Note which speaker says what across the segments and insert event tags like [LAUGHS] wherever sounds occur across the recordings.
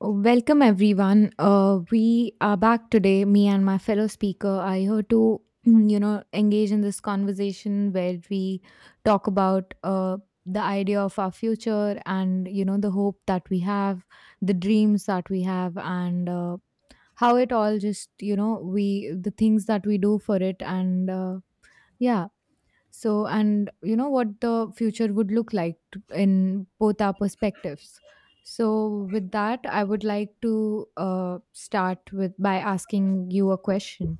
Speaker 1: Oh, welcome, everyone. We are back today. Me and my fellow speaker are here to, engage in this conversation where we talk about the idea of our future and, you know, the hope that we have, the dreams that we have, and how it all just, the things that we do for it. Yeah, and you know what the future would look like in both our perspectives. So, with that, I would like to start with by asking you a question.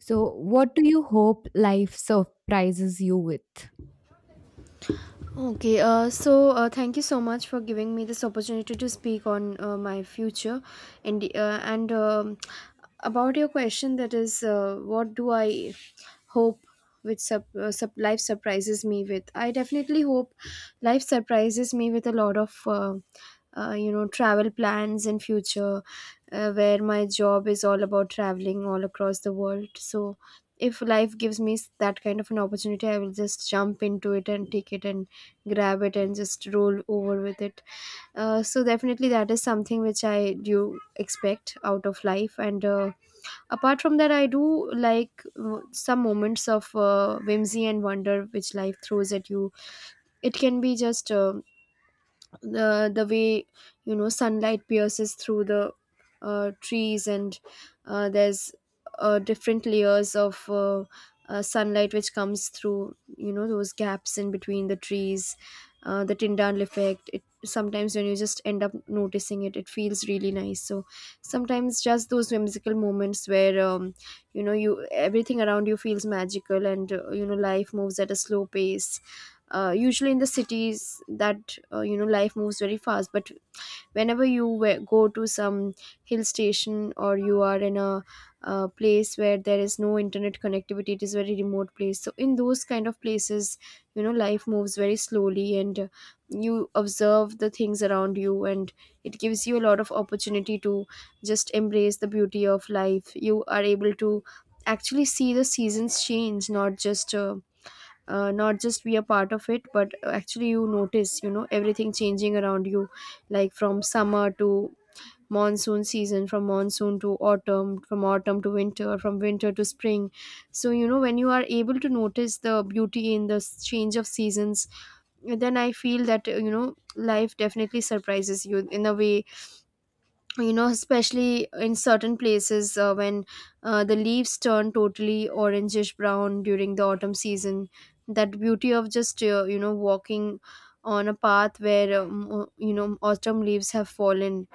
Speaker 1: So, what do you hope life surprises you with?
Speaker 2: Thank you so much for giving me this opportunity to speak on my future, and about your question, that is, what do I hope which sup sup life surprises me with? I definitely hope life surprises me with a lot of travel plans in future, where my job is all about traveling all across the world. So if life gives me that kind of an opportunity, I will just jump into it and take it and grab it and just roll over with it. So definitely that is something which I do expect out of life, and apart from that I do like some moments of whimsy and wonder which life throws at you. It can be just the way sunlight pierces through the trees, and there's different layers of sunlight which comes through, those gaps in between the trees. Uh, the Tyndall effect, it sometimes, when you just end up noticing it, it feels really nice. So sometimes just those whimsical moments where, you, everything around you feels magical, and life moves at a slow pace. Usually in the cities that, life moves very fast, but whenever you go to some hill station, or you are in a place where there is no internet connectivity, it is very remote place, so in those kind of places, life moves very slowly, and you observe the things around you, and it gives you a lot of opportunity to just embrace the beauty of life. You are able to actually see the seasons change, not just not just be a part of it, but actually you notice, everything changing around you, like from summer to monsoon season, from monsoon to autumn, from autumn to winter, from winter to spring. So when you are able to notice the beauty in the change of seasons, then I feel that, life definitely surprises you in a way. Especially in certain places, when the leaves turn totally orangish brown during the autumn season, that beauty of just, walking on a path where, autumn leaves have fallen,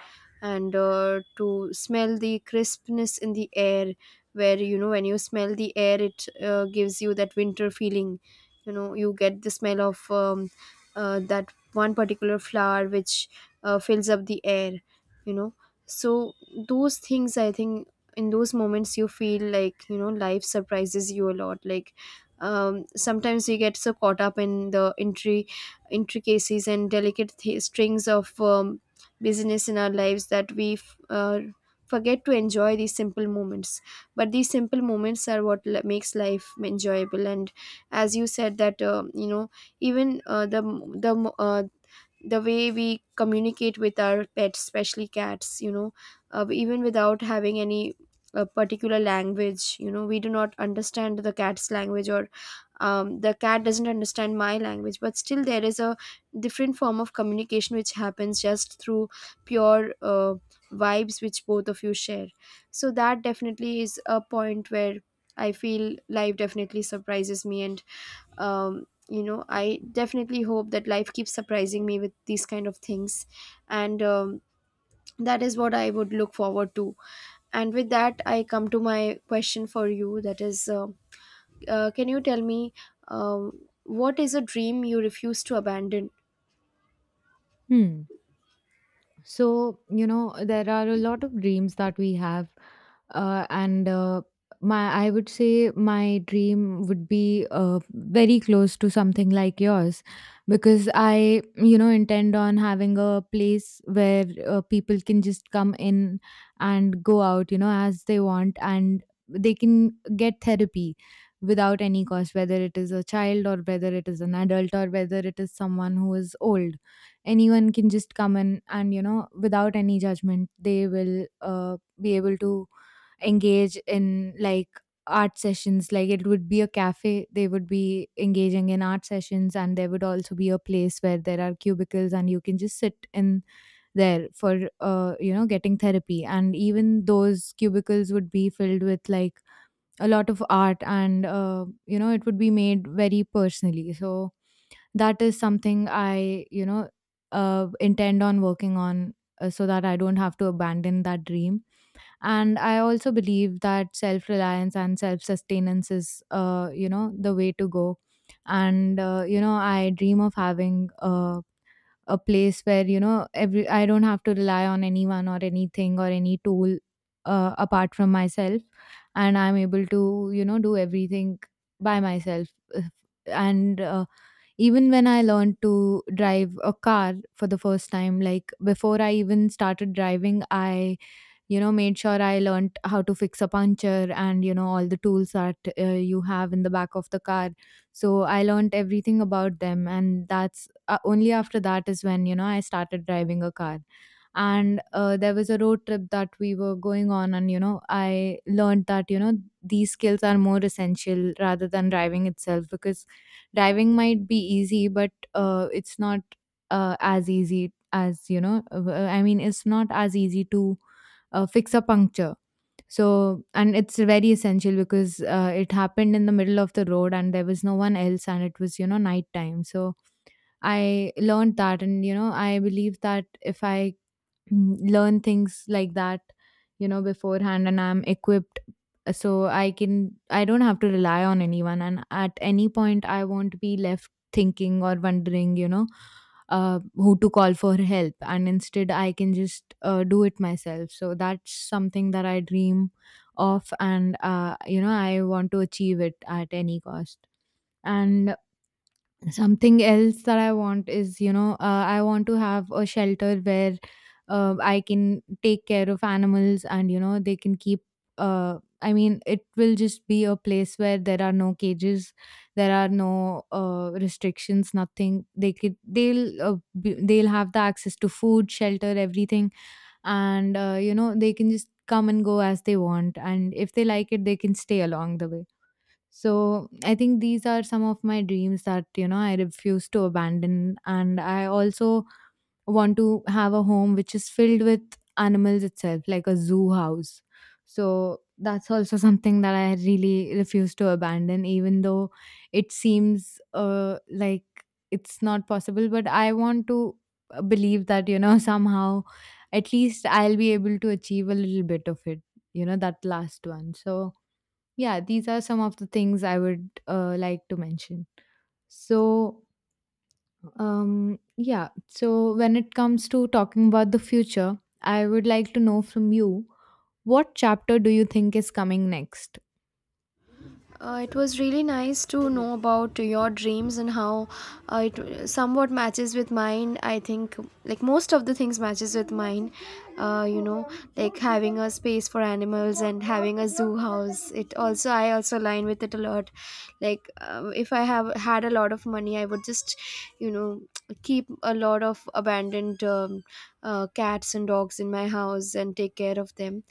Speaker 2: and to smell the crispness in the air, where when you smell the air, it gives you that winter feeling. You get the smell of that one particular flower which fills up the air, you know so those things, I think, in those moments you feel like, life surprises you a lot. Like, sometimes we get so caught up in the intricacies and delicate strings of, business in our lives, that we forget to enjoy these simple moments. But these simple moments are what makes life enjoyable. And as you said that, even, the way we communicate with our pets, especially cats, even without having any particular language, we do not understand the cat's language, or, the cat doesn't understand my language, but still there is a different form of communication which happens just through pure vibes, which both of you share. So that definitely is a point where I feel life definitely surprises me. And, um, I definitely hope that life keeps surprising me with these kind of things. And That is what I would look forward to. And with that I come to my question for you, that is, can you tell me, um what is a dream you refuse to abandon?
Speaker 1: Hmm. So, you know, there are a lot of dreams that we have. Uh, and uh, I would say my dream would be very close to something like yours, because I, you know, intend on having a place where people can just come in and go out, you know, as they want, and they can get therapy without any cost, whether it is a child or whether it is an adult or whether it is someone who is old. Anyone can just come in, and you know, without any judgment, they will be able to engage in like art sessions. Like it would be a cafe. They would be engaging in art sessions, and there would also be a place where there are cubicles, and you can just sit in there for you know, getting therapy. And even those cubicles would be filled with like a lot of art, and you know, it would be made very personally. So that is something I, you know, intend on working on, so that I don't have to abandon that dream. And I also believe that self reliance and self sustenance is, you know, the way to go. And you know, I dream of having a a place where, you know, every I don't have to rely on anyone or anything or any tool apart from myself, and I'm able to, you know, do everything by myself. If- and Even when I learned to drive a car for the first time, like before I even started driving, I, you know, made sure I learnt how to fix a puncture, and you know, all the tools that you have in the back of the car. So I learnt everything about them, and that's, only after that is when, you know, I started driving a car. And there was a road trip that we were going on, and you know, I learned that, you know, these skills are more essential rather than driving itself, because driving might be easy, but it's not as easy as, you know, I mean, it's not as easy to fix a puncture. So, and it's very essential, because it happened in the middle of the road, and there was no one else, and it was, you know, nighttime. So, I learned that, and, you know, I believe that if I learn things like that, you know, beforehand and I'm equipped, so I can, I don't have to rely on anyone, and at any point I won't be left thinking or wondering, you know, who to call for help. And instead, I can just do it myself. So that's something that I dream of, and you know, I want to achieve it at any cost. And something else that I want is, you know, I want to have a shelter where I can take care of animals, and you know, they can keep, I mean, it will just be a place where there are no cages, there are no restrictions, nothing. They could, they'll they'll have the access to food, shelter, everything. And you know, they can just come and go as they want, and if they like it, they can stay along the way. So I think these are some of my dreams that, you know, I refuse to abandon. And I also want to have a home which is filled with animals itself, like a zoo house. So that's also [LAUGHS] something that I really refuse to abandon, even though it seems like it's not possible. But I want to believe that, you know, [LAUGHS] somehow at least I'll be able to achieve a little bit of it, you know, that last one. So yeah, these are some of the things I would like to mention. So um, yeah, so when it comes to talking about the future, I would like to know from you, what chapter do you think is coming next?
Speaker 2: It was really nice to know about your dreams and how it somewhat matches with mine. I think like most of the things matches with mine. Uh, you know, like having a space for animals and having a zoo house. It also I also align with it a lot. Like, if I have had a lot of money, I would just you know keep a lot of abandoned, cats and dogs in my house and take care of them.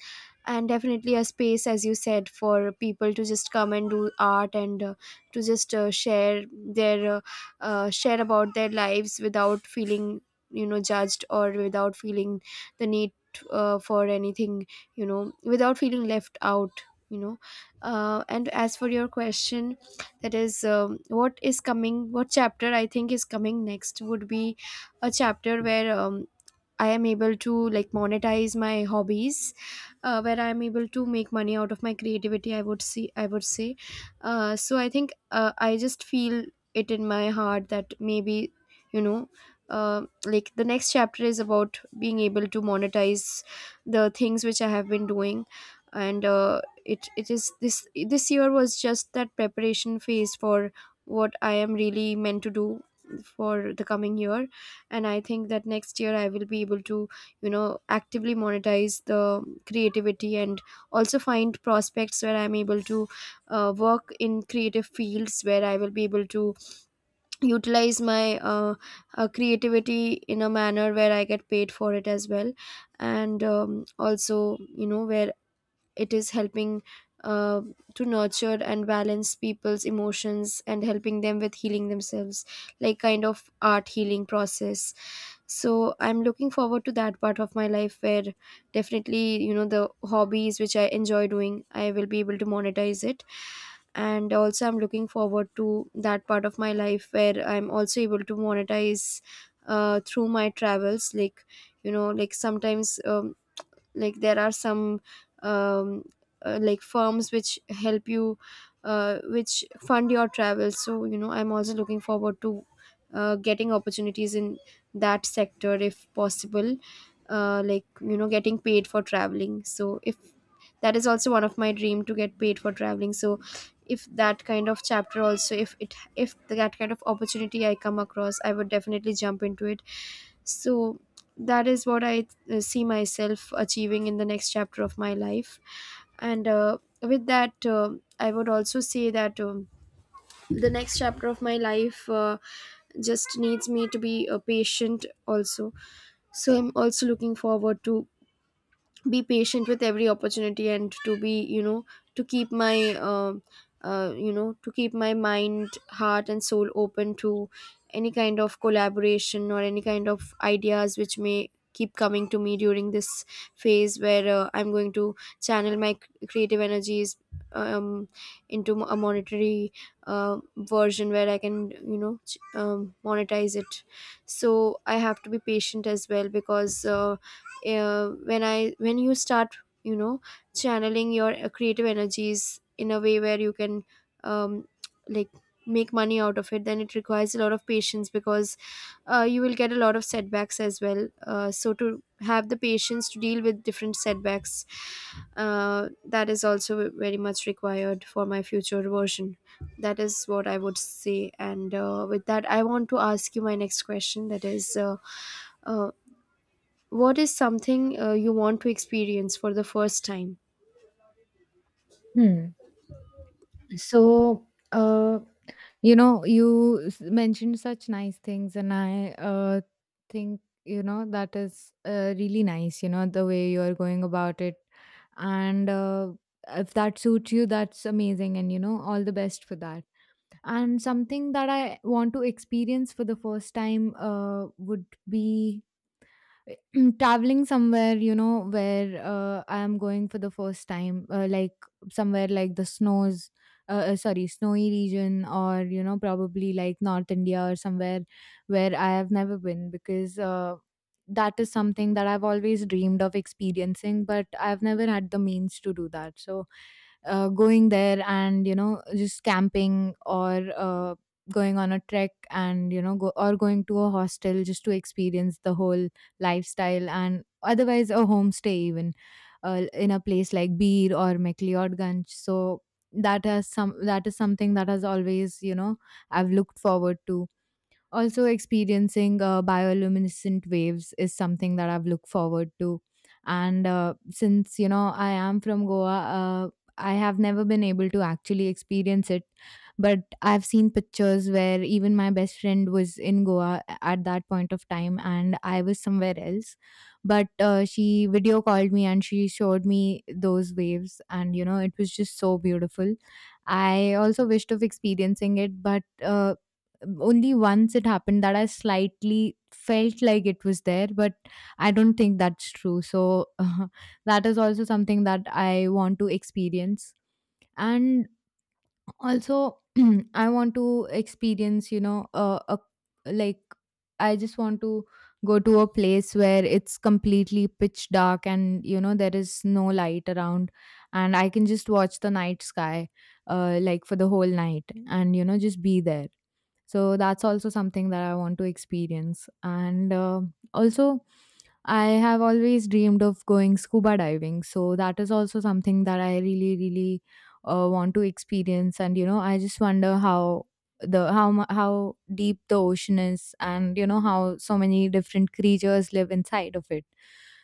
Speaker 2: And definitely a space, as you said, for people to just come and do art, and to just share about their lives without feeling, judged, or without feeling the need for anything, without feeling left out, And as for your question, that is, what chapter I think is coming next, would be a chapter where, I am able to like monetize my hobbies, where I am able to make money out of my creativity, I would say. So I think, I just feel it in my heart that maybe, you know, like the next chapter is about being able to monetize the things which I have been doing, and it is this year was just that preparation phase for what I am really meant to do for the coming year. And I think that next year I will be able to actively monetize the creativity, and also find prospects where I'm able to work in creative fields, where I will be able to utilize my creativity in a manner where I get paid for it as well, and also where it is helping uh, to nurture and balance people's emotions and helping them with healing themselves, like kind of art healing process. So I'm looking forward to that part of my life where definitely, the hobbies which I enjoy doing, I will be able to monetize it. And also I'm looking forward to that part of my life where I'm also able to monetize through my travels, like like sometimes, like there are some, um, like firms which help you, which fund your travel. So I'm also looking forward to getting opportunities in that sector if possible. Like, getting paid for traveling. So, if, that is also one of my dream, to get paid for traveling. So if that kind of chapter also, if it, if that kind of opportunity I come across, I would definitely jump into it. So that is what I see myself achieving in the next chapter of my life. And with that, I would also say that, the next chapter of my life just needs me to be patient also. So I'm also looking forward to be patient with every opportunity, and to be, to keep my, to keep my mind, heart and soul open to any kind of collaboration or any kind of ideas which may keep coming to me during this phase where, I'm going to channel my creative energies, um, into a monetary version where I can, monetize it. So I have to be patient as well, because, when you start, channeling your creative energies in a way where you can, um, like make money out of it, then it requires a lot of patience, because you will get a lot of setbacks as well. Uh, so to have the patience to deal with different setbacks, that is also very much required for my future version. That is what I would say. And uh, with that I want to ask you my next question, that is, uh, what is something you want to experience for the first time?
Speaker 1: Hmm. So, uh, You know, you mentioned such nice things, and I think, you know, that is really nice, you know, the way you're going about it. And if that suits you, that's amazing. And, you know, all the best for that. And something that I want to experience for the first time would be [CLEARS THROAT] traveling somewhere, you know, where I am going for the first time, like somewhere like the snows, sorry, snowy region, or you know, probably like North India or somewhere where I have never been, because that is something that I've always dreamed of experiencing, but I've never had the means to do that. So going there and you know, just camping, or going on a trek, and you know, go or going to a hostel just to experience the whole lifestyle, and otherwise a homestay even, in a place like Bir or McLeodganj. So that has some that is something that has always, you know, I've looked forward to. Also, experiencing bioluminescent waves is something that I've looked forward to. And since, you know, I am from Goa, I have never been able to actually experience it. But I've seen pictures where even my best friend was in Goa at that point of time, and I was somewhere else. But she video called me and she showed me those waves. And, you know, it was just so beautiful. I also wished of experiencing it, but only once it happened that I slightly felt like it was there, but I don't think that's true. So [LAUGHS] that is also something that I want to experience. And also, [CLEARS THROAT] I want to experience, you know, like, I just want to go to a place where it's completely pitch dark, and, you know, there is no light around, and I can just watch the night sky, like for the whole night, and, you know, just be there. So that's also something that I want to experience. And also, I have always dreamed of going scuba diving, so that is also something that I really really want to experience. And you know, I just wonder how how deep the ocean is, and you know, how so many different creatures live inside of it.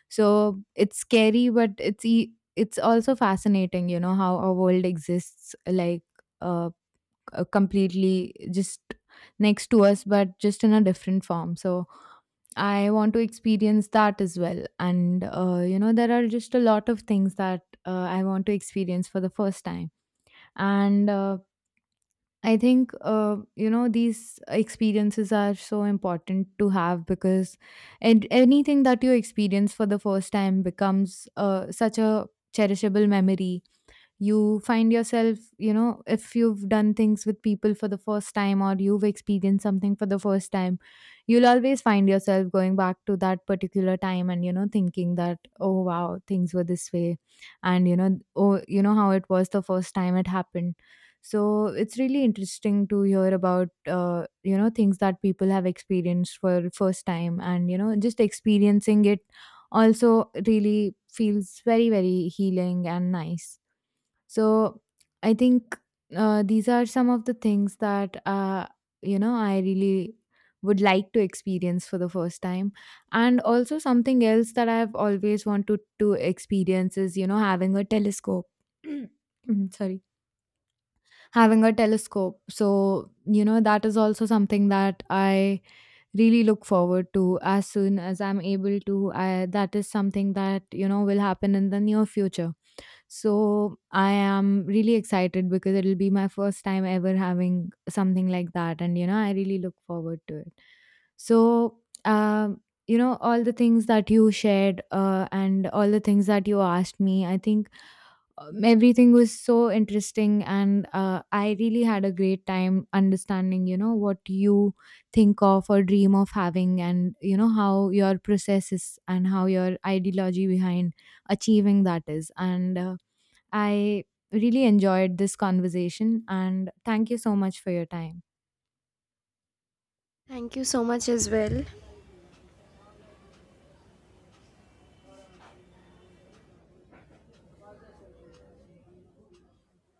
Speaker 1: So it's scary, but it's also fascinating, you know, how our world exists, like uh, completely just next to us, but just in a different form. So I want to experience that as well. And you know, there are just a lot of things that I want to experience for the first time. And I think you know, these experiences are so important to have, because, and anything that you experience for the first time becomes such a cherishable memory. You find yourself, you know, if you've done things with people for the first time, or you've experienced something for the first time, you'll always find yourself going back to that particular time, and you know, thinking that oh wow, things were this way, and you know, oh, you know, how it was the first time it happened. So it's really interesting to hear about, you know, things that people have experienced for first time, and you know, just experiencing it also really feels very very healing and nice. So I think these are some of the things that you know, I really would like to experience for the first time. And also something else that I've always wanted to experience is, you know, having a telescope. [CLEARS THROAT] Sorry, having a telescope. So, you know, that is also something that I really look forward to, as soon as I'm able to. I, that is something that, you know, will happen in the near future. So I am really excited, because it'll be my first time ever having something like that. And, you know, I really look forward to it. So, you know, all the things that you shared and all the things that you asked me, I think, everything was so interesting. And I really had a great time understanding, you know, what you think of or dream of having, and, you know, how your process is, and how your ideology behind achieving that is. And, I really enjoyed this conversation, and thank you so much for your time.
Speaker 2: Thank you so much as well.